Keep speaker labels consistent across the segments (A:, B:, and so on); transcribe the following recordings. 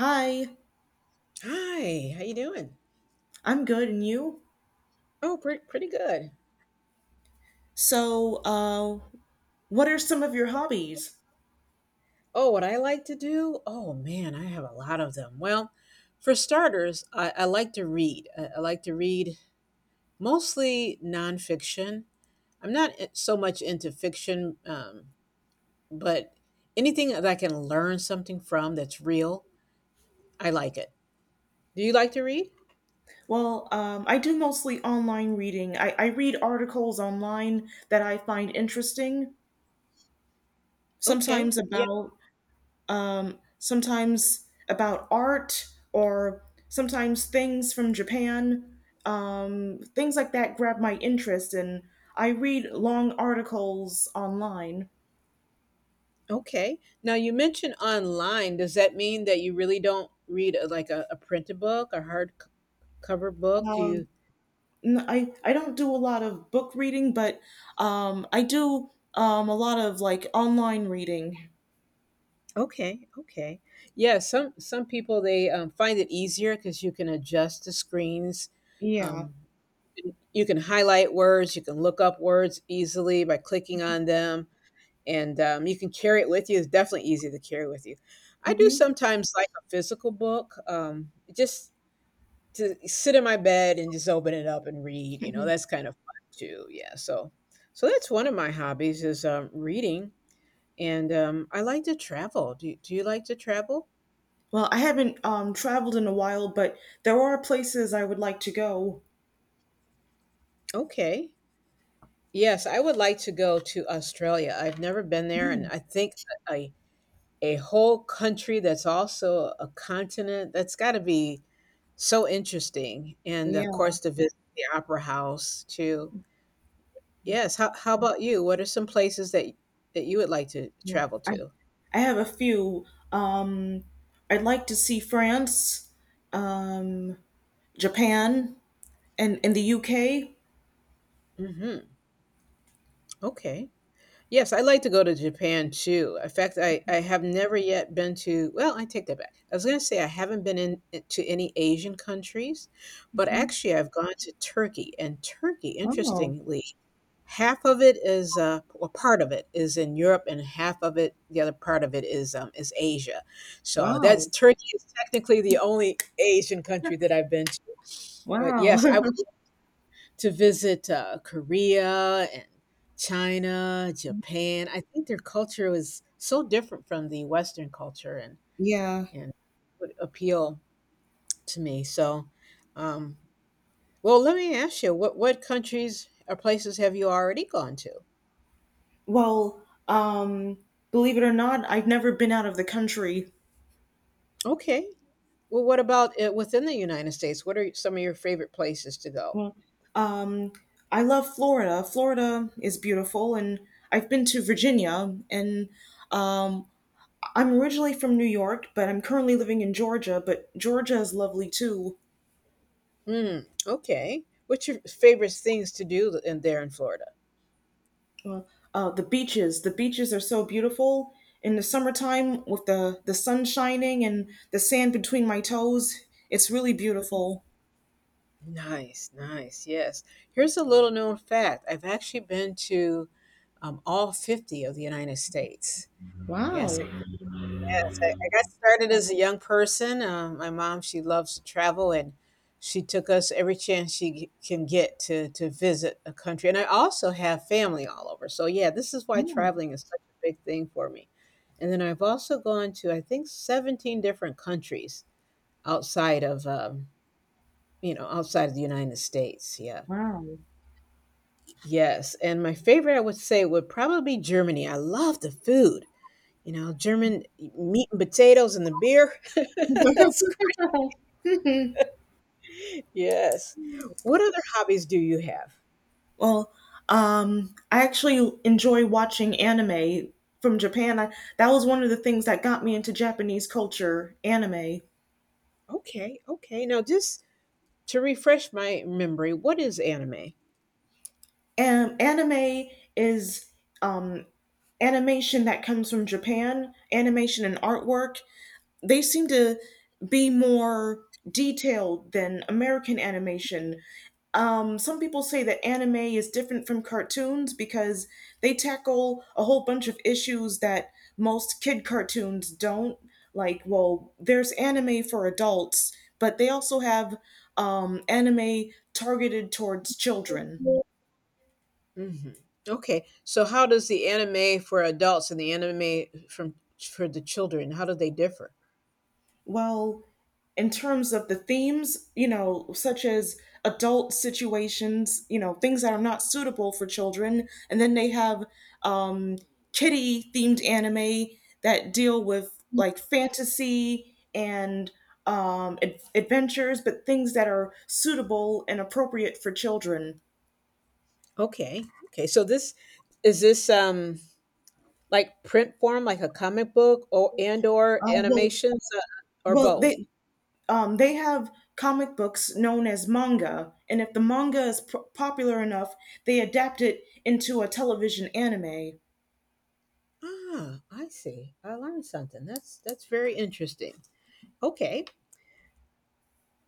A: Hi,
B: Hi, how you doing?
A: I'm good, and you?
B: Oh, pretty good.
A: So, what are some of your hobbies?
B: Oh, what I like to do? Oh man, I have a lot of them. Well, for starters, I like to read. I like to read mostly nonfiction. I'm not so much into fiction, but anything that I can learn something from that's real, I like it. Do you like to read?
A: Well, I do mostly online reading. I read articles online that I find interesting,
B: Okay.
A: sometimes
B: Yeah.
A: about sometimes about art or sometimes things from Japan. Things like that grab my interest, and I read long articles online.
B: Okay. Now you mentioned online. Does that mean that you really don't read like a printed book, a hard cover book? Do
A: Um,
B: you
A: I don't do a lot of book reading, but I do a lot of like online reading.
B: okay, okay. Yeah, some people they find it easier because you can adjust the screens.
A: Yeah.
B: Um, you can highlight words, you can look up words easily by clicking on them, and you can carry it with you. It's definitely easy to carry with you. I do
A: hmm
B: sometimes like a physical book, just to sit in my bed and just open it up and read. You know,
A: hmm
B: that's kind of fun too. Yeah, so that's one of my hobbies is reading, and I like to travel. Do you like to travel?
A: Well, I haven't traveled in a while, but there are places I would like to go.
B: Okay. Yes, I would like to go to Australia. I've never been there, and
A: Mm.
B: I think a a whole country that's also a continent, that's got to be so interesting. And
A: Yeah.
B: of course, to visit the Opera House too. Yes. How about you? What are some places that you would like to
A: Well,
B: travel
A: I
B: to?
A: I have a few. Um, I'd like to see France, um, Japan, and the UK.
B: Hmm. Okay. Yes, I'd like to go to Japan too. In fact, I have never yet been to, well, I take that back. I was going to say I haven't been in to any Asian countries, but actually I've gone to Turkey. And Turkey,
A: Oh wow,
B: interestingly, half of it is, well, part of it is in Europe, and half of it, the other part of it is Asia. So
A: wow,
B: that's Turkey is technically the only Asian country that I've been to. But
A: wow.
B: yes, I would to visit, Korea and China, Japan. I think their culture is so different from the Western culture
A: Yeah.
B: and would appeal to me. So, um, well, let me ask you, what countries or places have you already gone to?
A: Well, believe it or not, I've never been out of the country.
B: Okay. Well, what about within the United States? What are some of your favorite places to go?
A: Well, um, I love Florida. Florida is beautiful, and I've been to Virginia. And um, I'm originally from New York, but I'm currently living in Georgia. But Georgia is lovely too.
B: Hmm. Okay. What's your favorite things to do in there in Florida?
A: Uh, the beaches are so beautiful in the summertime with the sun shining and the sand between my toes. It's really beautiful.
B: Nice, nice. Yes. Here's a little known fact. I've actually been to all 50 of the United States. Yes,
A: Wow!
B: I- yes. I got started as a young person. My mom, she loves to travel and she took us every chance can get to visit a country. And I also have family all over. So yeah, this is why traveling is such a big thing for me. And then I've also gone to, I think, 17 different countries outside of outside of the United States. Yeah.
A: Wow!
B: Yes, and my favorite, I would say, would probably be Germany. I love the food. You know, meat and potatoes and the beer. That's gr- yes. What other hobbies do you have?
A: Well, I actually enjoy watching anime from Japan. I, that was one of the things that got me into Japanese culture, anime.
B: Okay, okay. Now, just to refresh my memory, what is anime?
A: And anime is um, animation that comes from Japan, animation and artwork. They seem to be more detailed than American animation. Some people say that anime is different from cartoons because they tackle a whole bunch of issues that most kid cartoons don't. Like, well, there's anime for adults, but they also have anime targeted towards children.
B: Mhm. Okay. So how does the anime for adults and the anime from for the children, how do they differ?
A: Well, in terms of the themes, you know, such as adult situations, you know, things that are not suitable for children, and then they have um, kitty themed anime that deal with like fantasy and adventures, but things that are suitable and appropriate for children.
B: Okay. Okay. So this is this like print form, like a comic book or and or
A: Uh, well,
B: animations or
A: well,
B: both?
A: they they have comic books known as manga, and if the popular enough, they adapt it into a television anime.
B: Ah, I see. I learned something. That's very interesting. Okay.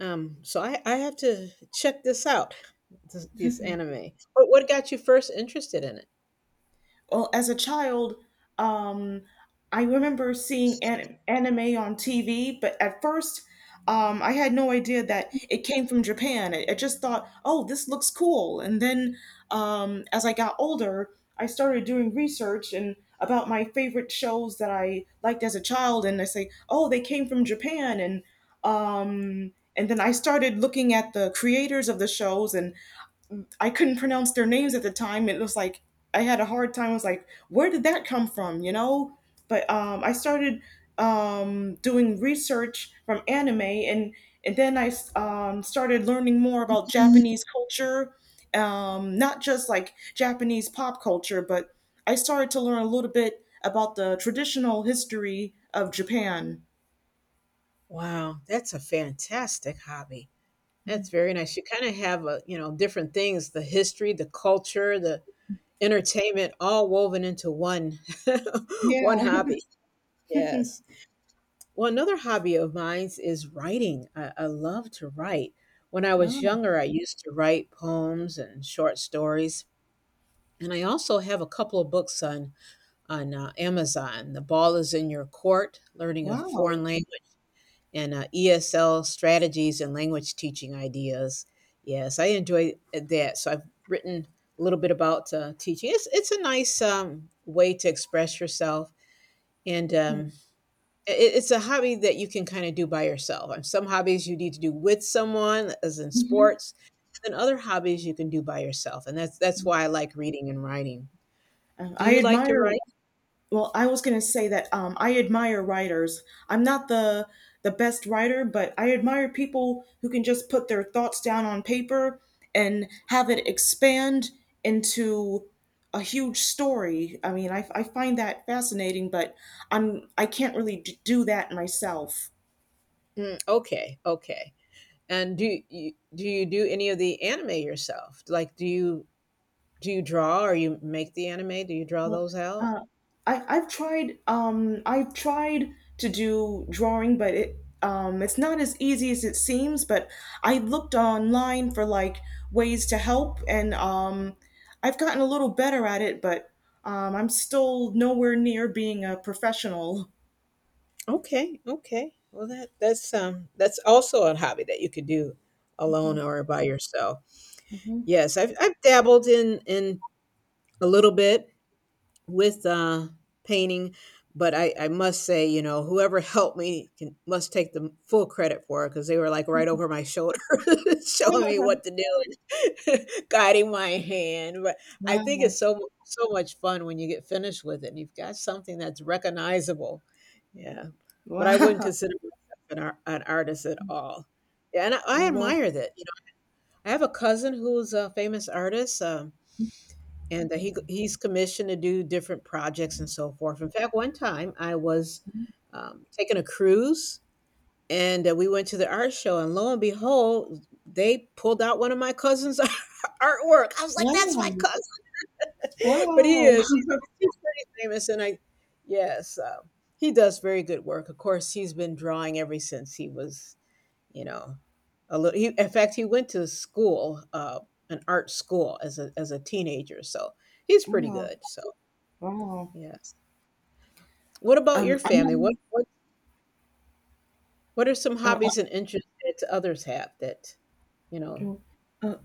B: So I have to check this out, this anime. What got you first interested in it?
A: Well, as a child, um, I remember seeing anime on TV, but at first, I had no idea that it came from Japan. I just thought, oh, this looks cool. And then as I got older, I started doing research and about my favorite shows that I liked as a child, and I say, oh, they came from Japan, and and then I started looking at the creators of the shows, and I couldn't pronounce their names at the time. It was like I had a hard time. I was like, where did that come from? You know? But I started doing research from anime, and and then I started learning more about Japanese culture, not just like Japanese pop culture, but I started to learn a little bit about the traditional history of Japan.
B: Wow, that's a fantastic hobby. That's very nice. You kind of have a, you know, different things, the history, the culture, the entertainment all woven into one
A: Yeah.
B: one hobby. Yes. Well, another hobby of mine is writing. I love to write. When I was
A: Oh,
B: younger, I used to write poems and short stories, and I also have a couple of books on Amazon. The ball is in your court, learning a
A: wow.
B: foreign language and ESL strategies and language teaching ideas. Yes, I enjoy that. So I've written a little bit about teaching. It's a nice way to express yourself. And it's a hobby that you can kind of do by yourself. And some hobbies you need to do with someone, as in
A: Hmm.
B: sports. And other hobbies you can do by yourself. And that's why I like reading and writing. Do
A: I
B: you like to
A: admire
B: write?
A: Well, I was going to say that I admire writers. I'm not the best writer, but I admire people who can just put their thoughts down on paper and have it expand into a huge story. I mean, I find that fascinating, but I can't really do that myself.
B: Mm, okay, okay. And do you do any of the anime yourself? Like, do you draw or you make the anime? Do you draw
A: Uh,
B: those out?
A: uh, I've tried to do drawing, but it's not as easy as it seems. But I looked online for like ways to help, and I've gotten a little better at it, but I'm still nowhere near being a professional.
B: Okay, okay. Well, that that's also a hobby that you could do
A: Hmm.
B: alone or by yourself.
A: Hmm.
B: Yes, I've dabbled in a little bit with painting. But I must say, you know, whoever helped me must take the full credit for it because they were like right over my shoulder, showing me what to do, and guiding my hand. But I think
A: Wow!
B: it's so much fun when you get finished with it. And you've got something that's recognizable. Yeah, but I wouldn't
A: Wow!
B: consider myself an artist at all. Yeah, and I,
A: Yeah,
B: I
A: well,
B: admire that. You know, I have a cousin who's a famous artist. And he's commissioned to do different projects and so forth. In fact, one time I was taking a cruise and we went to the art show, and lo and behold, they pulled out one of my cousin's artwork. I was like, "That's my
A: wow!
B: cousin," but
A: Wow!
B: he's pretty famous, and yes, uh, he does very good work. Of course, he's been drawing ever since he was you know a little. He, in fact, he went to school. An art school as a teenager, so he's pretty
A: Wow!
B: good. So
A: Wow!
B: yes. What about your family? What
A: I'm
B: what what are some
A: not.
B: hobbies and interests that others have that, you
A: Uh,
B: know
A: uh, uh,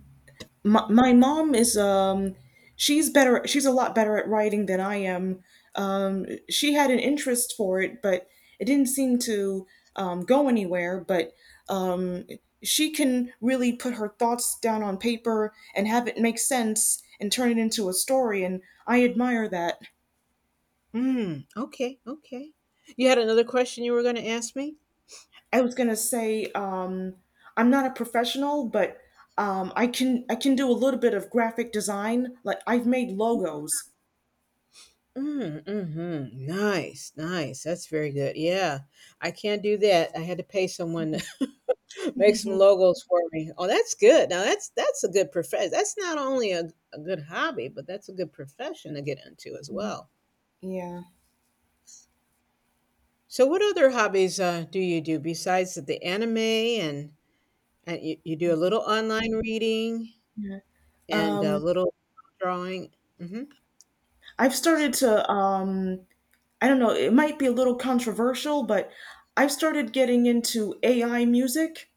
A: my mom is she's better she's a lot better at writing than I am. She had an interest for it, but it didn't seem to go anywhere, but um she can really put her thoughts down on paper and have it make sense and turn it into a story, and I admire that.
B: mm, okay, okay. You had another question you were gonna ask me?
A: I was going to say um i'm not a professional, but I can do a little bit of graphic design. Like I've made logos.
B: Mm, mhm. Nice, nice. That's very good. Yeah. I can't do that. I had to pay someone to make some logos for me. Oh, that's good. Now that's a good profession. That's not only a good hobby, but that's a good profession to get into as well.
A: Yeah.
B: So what other hobbies do you do besides the anime and you do a little online reading and a
A: Um,
B: little drawing. Mhm.
A: I've started to, I don't know, it might be a little controversial, but I've started getting into AI music.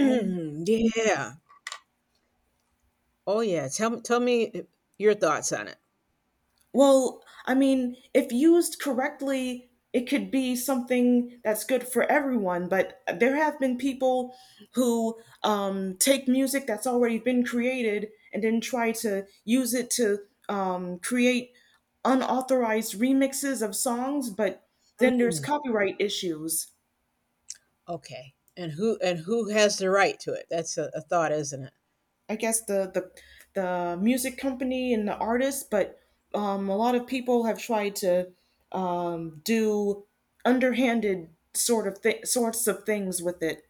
A: Um,
B: yeah. Oh, yeah. Tell me your thoughts on it.
A: well, I mean, if used correctly, it could be something that's good for everyone, but there have been people who take music that's already been created and then try to use it to create unauthorized remixes of songs, but then there's
B: Mm,
A: copyright issues.
B: okay. And who has the right to it? That's a thought, isn't it?
A: I guess the the music company and the artists, but a lot of people have tried to do underhanded sorts of things with it.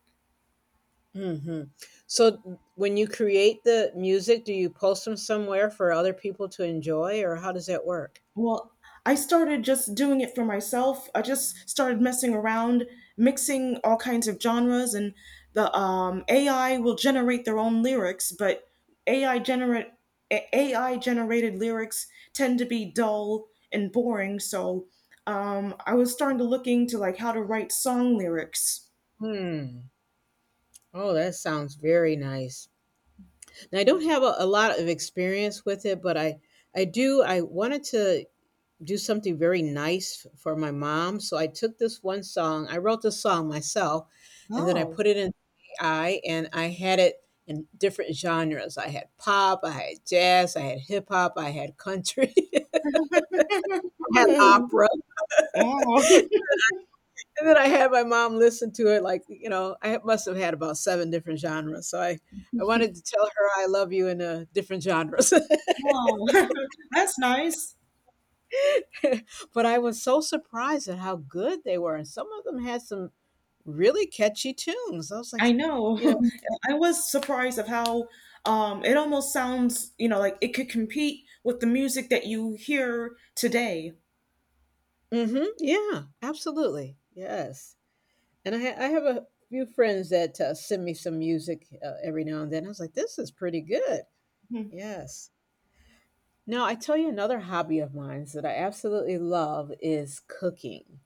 B: Mhm. So when you create the music, do you post them somewhere for other people to enjoy or how does that work?
A: Well, I started just doing it for myself. I just started messing around, mixing all kinds of genres, and the AI will generate their own lyrics, but AI generate AI generated lyrics tend to be dull and boring. So I was starting to look into like how to write song lyrics.
B: Hmm. Oh, that sounds very nice. Now, I don't have a lot of experience with it, but I do. I wanted to do something very nice for my mom. So I took this one song. I wrote this song myself, and then I
A: Oh,
B: put it in AI, and I had it in different genres. I had pop, I had jazz, I had hip hop, I had country, I had
A: wow,
B: opera, and then I had my mom listen to it. Like you know, I must have had about seven different genres. So I wanted to tell her I love you in different genres.
A: wow, that's nice.
B: but I was so surprised at how good they were. And some of them had some really catchy tunes. I was like,
A: I know.
B: you know,
A: I was surprised of how it almost sounds, you know, like it could compete with the music that you hear today.
B: mm-hmm, yeah, absolutely. Yes. And I have a few friends that send me some music every now and then. I was like, this is pretty good.
A: Mhm.
B: Yes. Now, I tell you another hobby of mine that I absolutely love is cooking.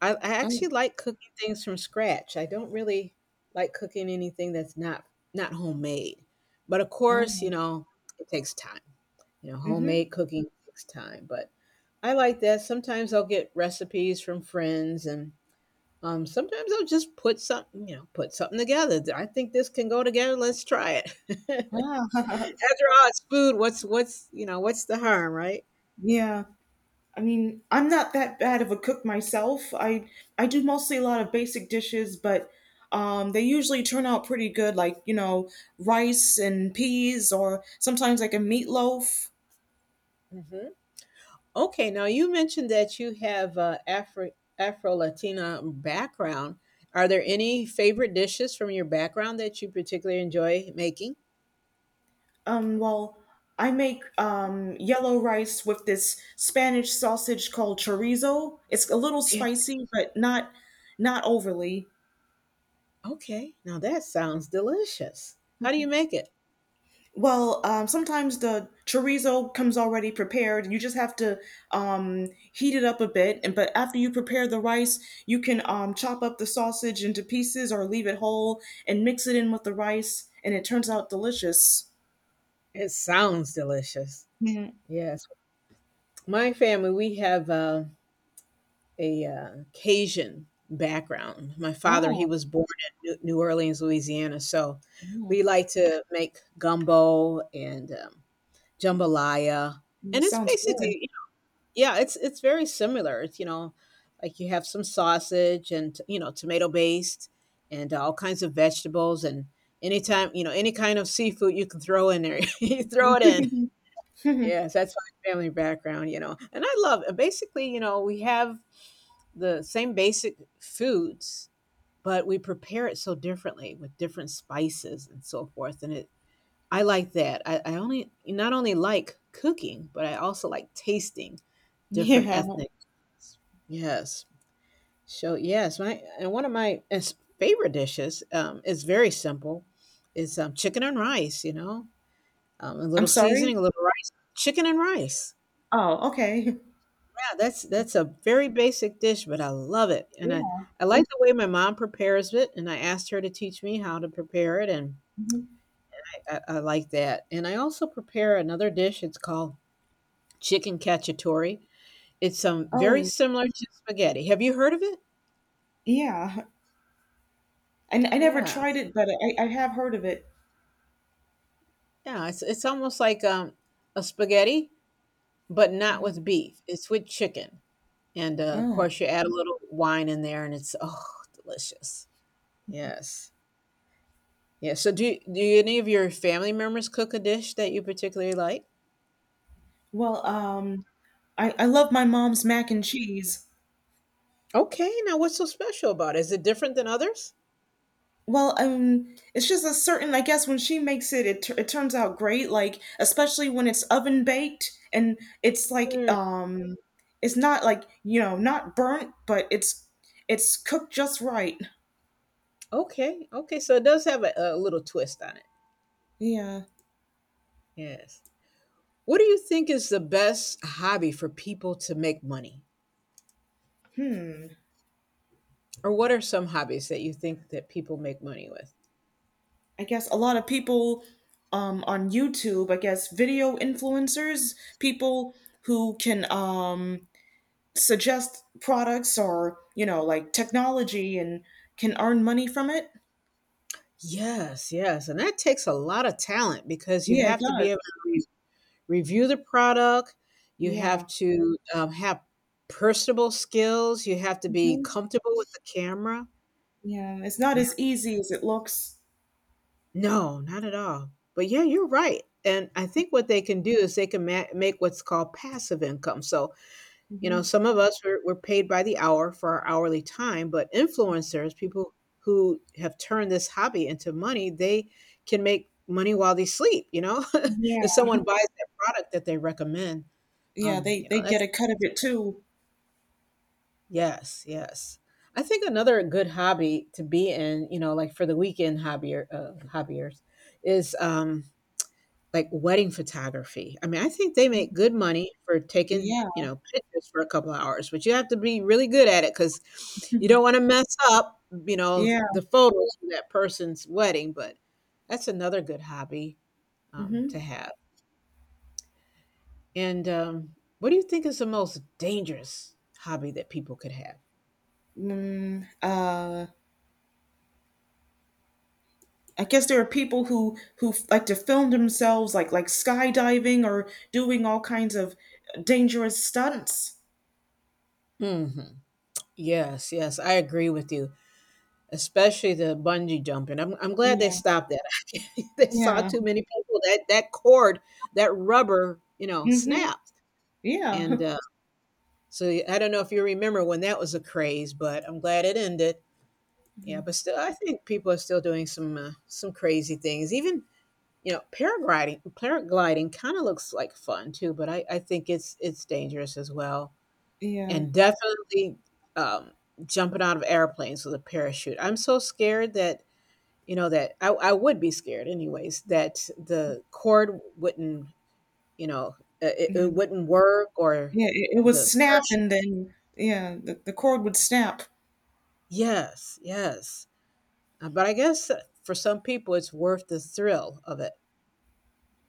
B: I
A: Oh,
B: actually like cooking things from scratch. I don't really like cooking anything that's not homemade. But of course, you
A: oh,
B: know, it takes time. You know,
A: mm-hmm.
B: homemade cooking takes time, but I like that. Sometimes I'll get recipes from friends and, sometimes I'll just put something you know, put something together. I think this can go together, let's try it." After
A: Ah,
B: all, it's food. You know, what's the harm, right?
A: yeah. I mean, I'm not that bad of a cook myself. I do mostly a lot of basic dishes, but they usually turn out pretty good, like, you know, rice and peas, or sometimes like a meatloaf.
B: Mhm. Okay, now you mentioned that you have a Afro Latina background. Are there any favorite dishes from your background that you particularly enjoy making?
A: Well, I make yellow rice with this Spanish sausage called chorizo. It's a little
B: Yeah.
A: spicy, but not not overly.
B: Okay. Now that sounds delicious. How do you make it?
A: Well, sometimes the chorizo comes already prepared. You just have to heat it up a bit, and but after you prepare the rice, you can chop up the sausage into pieces or leave it whole and mix it in with the rice, and it turns out delicious.
B: It sounds delicious.
A: Mhm.
B: Yes. My family, we have a Cajun background. My father, he
A: Oh,
B: was born in New Orleans, Louisiana, so
A: yeah.
B: we like to make gumbo and jambalaya,
A: That
B: and it's
A: sounds good.
B: basically you know, yeah, it's very similar. It's like you have some sausage and tomato based, and all kinds of vegetables and anytime any kind of seafood you can throw in there, you throw it in. Yes, that's my family background. And I love and basically, we have the same basic foods, but we prepare it so differently with different spices and so forth. And it I like that. I only not only like cooking, but I also like tasting different
A: Yeah.
B: ethnic. Yes. So yes, my and one of my favorite dishes is very simple. Is chicken and rice. You know, a
A: I'm
B: little
A: sorry.
B: seasoning, a little rice, chicken and rice.
A: Oh, okay.
B: Yeah, that's a very basic dish, but I love it, and I
A: Yeah.
B: I like the way my mom prepares it, and I asked her to teach me how to prepare it, and
A: Mhm.
B: I like that. And I also prepare another dish. It's called chicken cacciatore. It's,
A: Oh,
B: very
A: and
B: similar to spaghetti. Have you heard of it?
A: yeah. And I never
B: Yeah.
A: tried it, but I have heard of it.
B: Yeah, it's almost like, a spaghetti, but not with beef. It's with chicken, and of
A: Oh.
B: course, you add a little wine in there, and it's, oh, delicious. Yes. Yeah, so do any of your family members cook a dish that you particularly like?
A: Well, I love my mom's mac and cheese.
B: Okay, now what's so special about it? Is it different than others?
A: Well, it's just a certain, I guess, when she makes it, it, tur it turns out great. Like, especially when it's oven baked and it's like,
B: Hmm.
A: it's not like, you know, not burnt, but it's cooked just right.
B: Okay, okay, so it does have a little twist on it.
A: Yeah.
B: Yes. What do you think is the best hobby for people to make money?
A: Hmm.
B: Or what are some hobbies that you think that people make money with?
A: I guess a lot of people on YouTube, I guess video influencers, people who can suggest products or, you know, like technology and can earn money from it.
B: Yes, yes, and that takes a lot of talent because you
A: Yeah, it
B: have to be
A: does.
B: able to review the product. You have
A: Yeah.
B: to have personable skills. You have to be
A: Hmm.
B: comfortable with the camera.
A: Yeah. It's not
B: Yeah.
A: as easy as it looks.
B: No, not at all. But yeah, you're right. And I think what they can do is they can make what's called passive income. So You
A: Hmm.
B: know, some of us were are paid by the hour for our hourly time, but influencers, people who have turned this hobby into money, they can make money while they sleep, you know?
A: Yeah.
B: If someone buys that product that they recommend,
A: Yeah.
B: you
A: They
B: know,
A: get
B: that's
A: a cut of it too.
B: yes, yes. I think another good hobby to be in, like for the weekend hobbyers is like wedding photography. I mean, I think they make good money for taking,
A: Yeah.
B: you know, pictures for a couple of hours, but you have to be really good at it because you don't wanna mess up
A: Yeah.
B: the photos for that person's wedding, but that's another good hobby, to
A: Hmm.
B: have. And, what do you think is the most dangerous hobby that people could have?
A: Mm, uh, I guess there are people who like to film themselves like skydiving or doing all kinds of dangerous stunts.
B: Mhm. Yes, yes, I agree with you, especially the bungee jumping. I'm glad they
A: Yeah,
B: stopped that. They saw
A: yeah,
B: too many people that cord, that rubber,
A: hmm,
B: snapped.
A: yeah.
B: And uh, so I don't know if you remember when that was a craze, but I'm glad it ended. Yeah,
A: Mhm.
B: but still, I think people are still doing some crazy things. Even paragliding kind of looks like fun too, but I think it's dangerous as well.
A: Yeah,
B: And definitely um, jumping out of airplanes with a parachute. I'm so scared that that I would be scared anyways that the cord wouldn't, you know, it,
A: yeah,
B: it wouldn't work or
A: yeah. It would
B: the
A: snap,
B: pers-
A: and then yeah, the cord would snap.
B: yes, yes. But I guess for some people it's worth the thrill of it.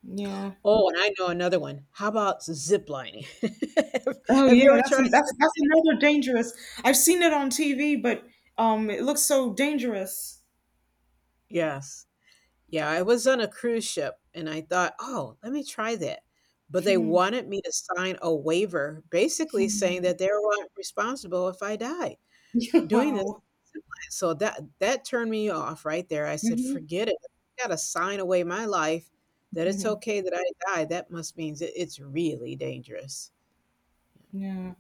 A: Yeah.
B: Oh, and I know another one. How about zip lining? have
A: Oh
B: have you
A: yeah,
B: ever
A: that's
B: tried
A: that's another dangerous. I've seen it on TV, but it looks so dangerous.
B: yes? Yeah, I was on a cruise ship and I thought, oh, let me try that, but they wanted me to sign a waiver basically saying that they were not responsible if I died doing this.
A: Wow.
B: So that turned me off right there. I said,
A: Hmm.
B: "Forget it. I gotta sign away my life that it's okay that I die. That must means it's really dangerous."
A: Yeah.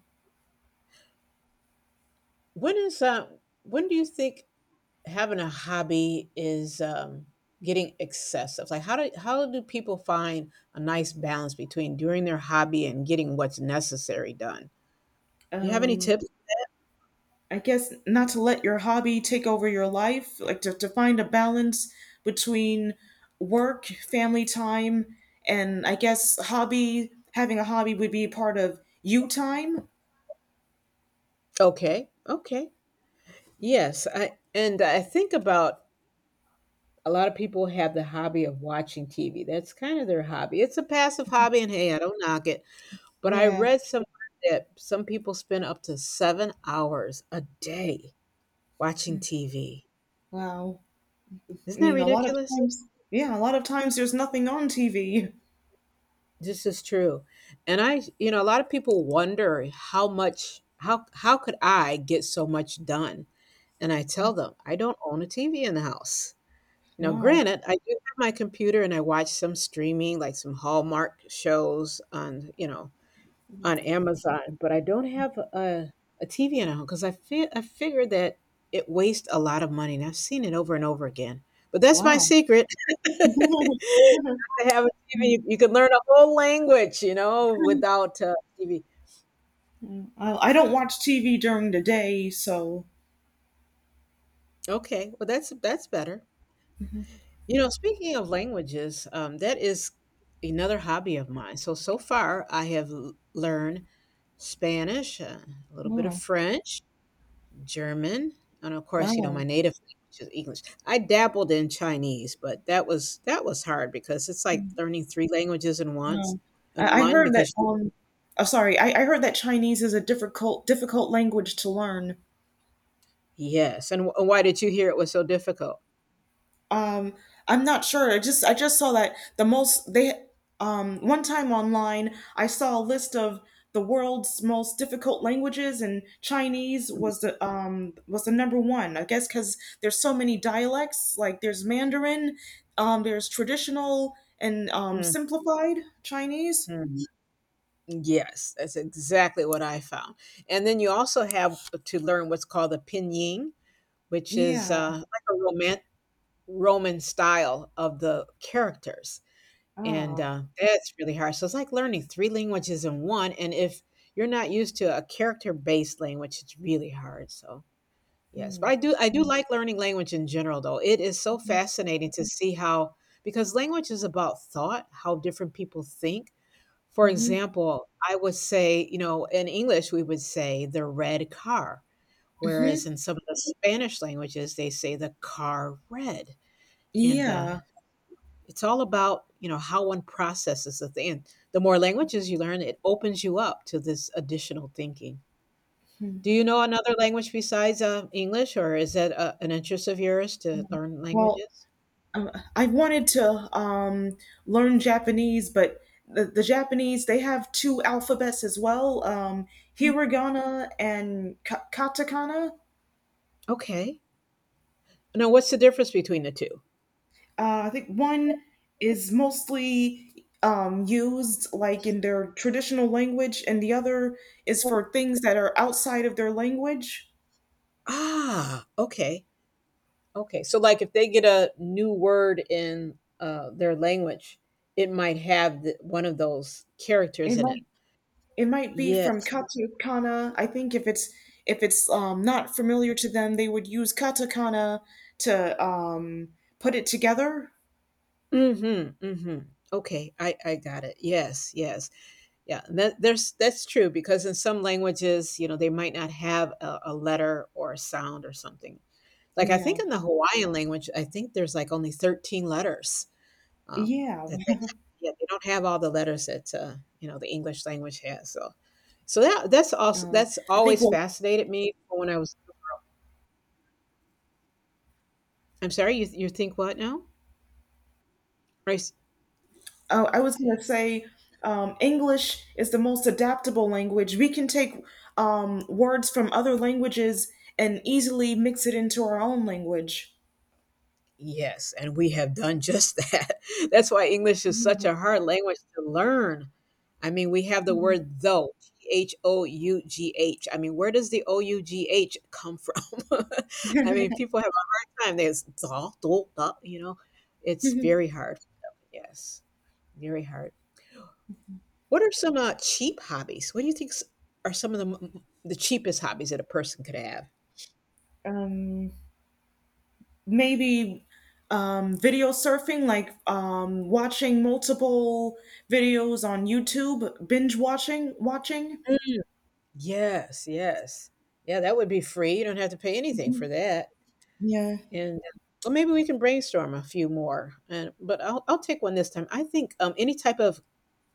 B: When is uh, when do you think having a hobby is getting excessive? Like how do people find a nice balance between doing their hobby and getting what's necessary done? You have any
A: Um.
B: tips?
A: I guess not to let your hobby take over your life, like to find a balance between work, family time, and I guess hobby, having a hobby would be part of you time.
B: Okay. Okay. Yes, I think about, a lot of people have the hobby of watching TV. That's kind of their hobby. It's a passive hobby, and hey, I don't knock it. But I
A: Yeah,
B: read somewhere that some people spend up to 7 hours a day watching TV.
A: wow. I
B: Isn't that
A: mean, a lot of
B: ridiculous?
A: times, yeah, a lot of times there's nothing on TV.
B: This is true. And a lot of people wonder how could I get so much done? And I tell them, I don't own a TV in the house. You know,
A: Wow,
B: granted, I do have my computer and I watch some streaming, like some Hallmark shows on Amazon, but I don't have a TV in a home because I figured that it wastes a lot of money, and I've seen it over and over again. But that's my
A: wow.
B: secret. To have a TV, you can learn a whole language, without TV.
A: I don't watch TV during the day, so,
B: Okay, well that's better. You know, speaking of languages, that is another hobby of mine. So far, I have learned Spanish, a little bit of
A: oh,
B: French, German, and of course, my
A: wow.
B: native language is English. I dabbled in Chinese, but that was hard because it's like learning 3 languages in once
A: Oh,
B: and
A: I
B: one
A: heard that.
B: because you—
A: Oh, sorry, I heard that Chinese is a difficult language to learn.
B: Yes, and wh why did you hear it was so difficult?
A: Um, I'm not sure. I just saw that the most they one time online I saw a list of the world's most difficult languages, and Chinese was the number 1. I guess because there's so many dialects. Like there's Mandarin, there's traditional and
B: Mhm,
A: simplified Chinese.
B: mhm. Yes, that's exactly what I found, and then you also have to learn what's called the pinyin, which is,
A: Yeah.
B: like a Roman style of the characters. And,
A: Ah.
B: uh, that's really hard. So it's like learning 3 languages in 1, and if you're not used to a character-based language, it's really hard, so, yes. But
A: Hmm.
B: I do like learning language in general, though. It is so fascinating to see how because language is about thought, how different people think. For
A: Mhm.
B: example, I would say, in English, we would say the red car, whereas
A: Mhm.
B: in some of the Spanish languages, they say the car red, and
A: Yeah.
B: it's all about how one processes the thing, and the more languages you learn, it opens you up to this additional thinking.
A: Hmm.
B: Do you know another language besides English, or is that an interest of yours, to learn
A: Well,
B: languages?
A: I wanted to um, learn Japanese, but the Japanese, they have two alphabets as well, hiragana and katakana.
B: Okay, now what's the difference between the two?
A: I think one is mostly used like in their traditional language, and the other is for things that are outside of their language.
B: Ah, okay. Okay, so like if they get a new word in their language, it might have one of those characters in it?
A: It might be from
B: Yes.
A: katakana. I think if it's not familiar to them, they would use katakana to put it together.
B: Mm-hmm, mm-hmm. Okay, I got it. Yes, yes. Yeah, and that's true because in some languages, they might not have a letter or a sound or something. Like I think
A: Yeah,
B: in the Hawaiian language, I think there's like only 13 letters, um,
A: yeah.
B: that they yeah, they don't have all the letters that the English language has. So so that that's also
A: Um,
B: that's
A: I think.
B: always
A: Well,
B: fascinated me when I was. I'm sorry, you think what now? Right?
A: I was going to say English is the most adaptable language. We can take words from other languages and easily mix it into our own language.
B: Yes, and we have done just that. That's why English is such
A: Mhm.
B: a hard language to learn. I mean, we have the word though, t h o u g h. I mean, where does the O-U-G-H come from? I mean, people have a hard time. There's though, though. It's
A: Mhm.
B: very hard. Yes, very hard. What are some cheap hobbies? What do you think are some of the cheapest hobbies that a person could have?
A: um, Maybe video surfing, like watching multiple videos on YouTube, binge watching, watching.
B: Mm. Yes, yes. Yeah, that would be free. You don't have to pay anything for
A: Mhm.
B: that.
A: Yeah.
B: And, well, maybe we can brainstorm a few more, and but I'll take one this time. I think, any type of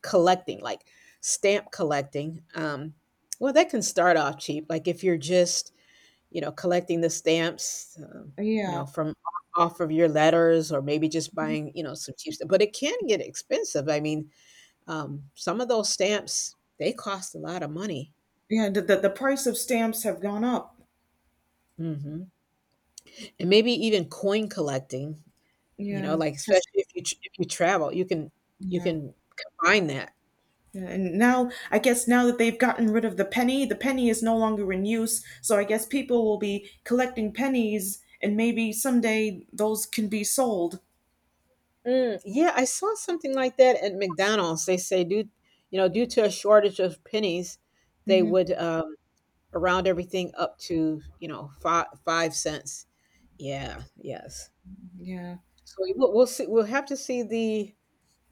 B: collecting, like stamp collecting, well, that can start off cheap. Like, if you're just, collecting the stamps,
A: Yeah,
B: from off of your letters, or maybe just buying, some cheap stuff, but it can get expensive. I mean, some of those stamps, they cost a lot of money.
A: yeah. The the price of stamps have gone up.
B: Mhm. And maybe even coin collecting. You know,
A: Yeah,
B: like, especially
A: because
B: if you tr if you travel, you can you
A: yeah,
B: can combine that.
A: yeah. And now I guess now that they've gotten rid of the penny is no longer in use. So I guess people will be collecting pennies, and maybe someday those can be sold.
B: Mm, yeah, I saw something like that at McDonald's. They say due to a shortage of pennies, they
A: Mm-hmm.
B: would, round everything up to, fi 5 cents. Yeah, yes.
A: Yeah.
B: So we'll have to see the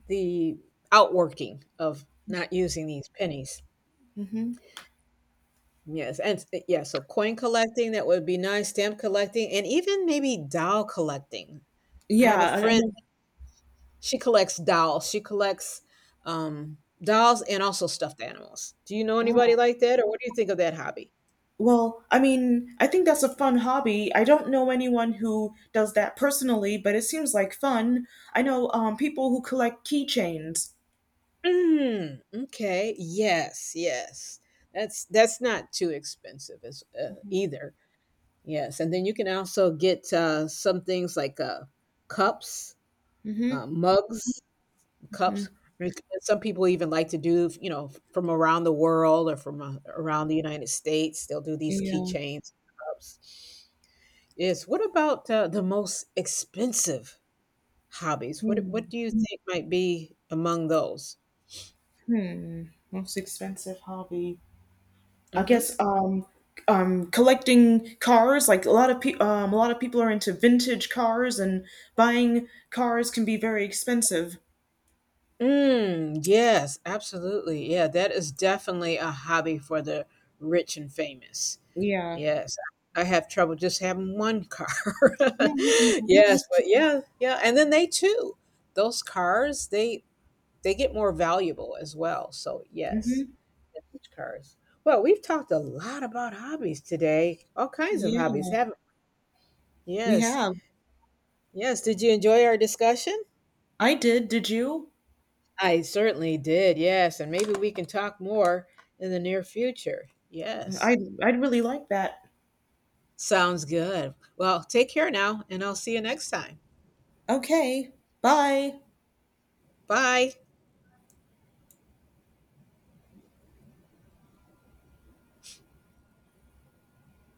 B: the outworking of not using these pennies.
A: Hmm.
B: Yes, and yeah, so coin collecting, that would be nice, stamp collecting, and even maybe doll collecting. I
A: Yeah.
B: have a
A: I
B: friend, she collects dolls. She collects dolls and also stuffed animals. Do you know anybody
A: know.
B: like that, or what do you think of that hobby?
A: Well, I mean, I think that's a fun hobby. I don't know anyone who does that personally, but it seems like fun. I know people who collect keychains.
B: Mm, okay. Yes, yes. That's not too expensive as either. Yes, and then you can also get some things like cups,
A: Hmm.
B: mugs,
A: Hmm.
B: cups. And some people even like to do, from around the world or from around the United States. They'll do these
A: Yeah.
B: keychains, cups. Yes. What about the most expensive hobbies? What
A: Hmm.
B: What do you think might be among those?
A: Hmm. Most expensive hobby. I
B: Mm-hmm.
A: guess collecting cars. Like a lot of people are into vintage cars, and buying cars can be very expensive.
B: Mm, yes, absolutely. Yeah, that is definitely a hobby for the rich and famous.
A: Yeah.
B: Yes. I have trouble just having one car.
A: Yeah.
B: Yes, but yeah, yeah, and then they too. Those cars, they get more valuable as well. So, yes.
A: Mm-hmm.
B: Vintage cars. Well, we've talked a lot about hobbies today. All kinds of hobbies,
A: Yeah.
B: haven't—
A: We
B: Yes.
A: have.
B: Yes. Did you enjoy our discussion?
A: I did. Did you?
B: I certainly did. Yes. And maybe we can talk more in the near future. Yes.
A: I'd really like that.
B: Sounds good. Well, take care now, and I'll see you next time.
A: Okay. Bye.
B: Bye.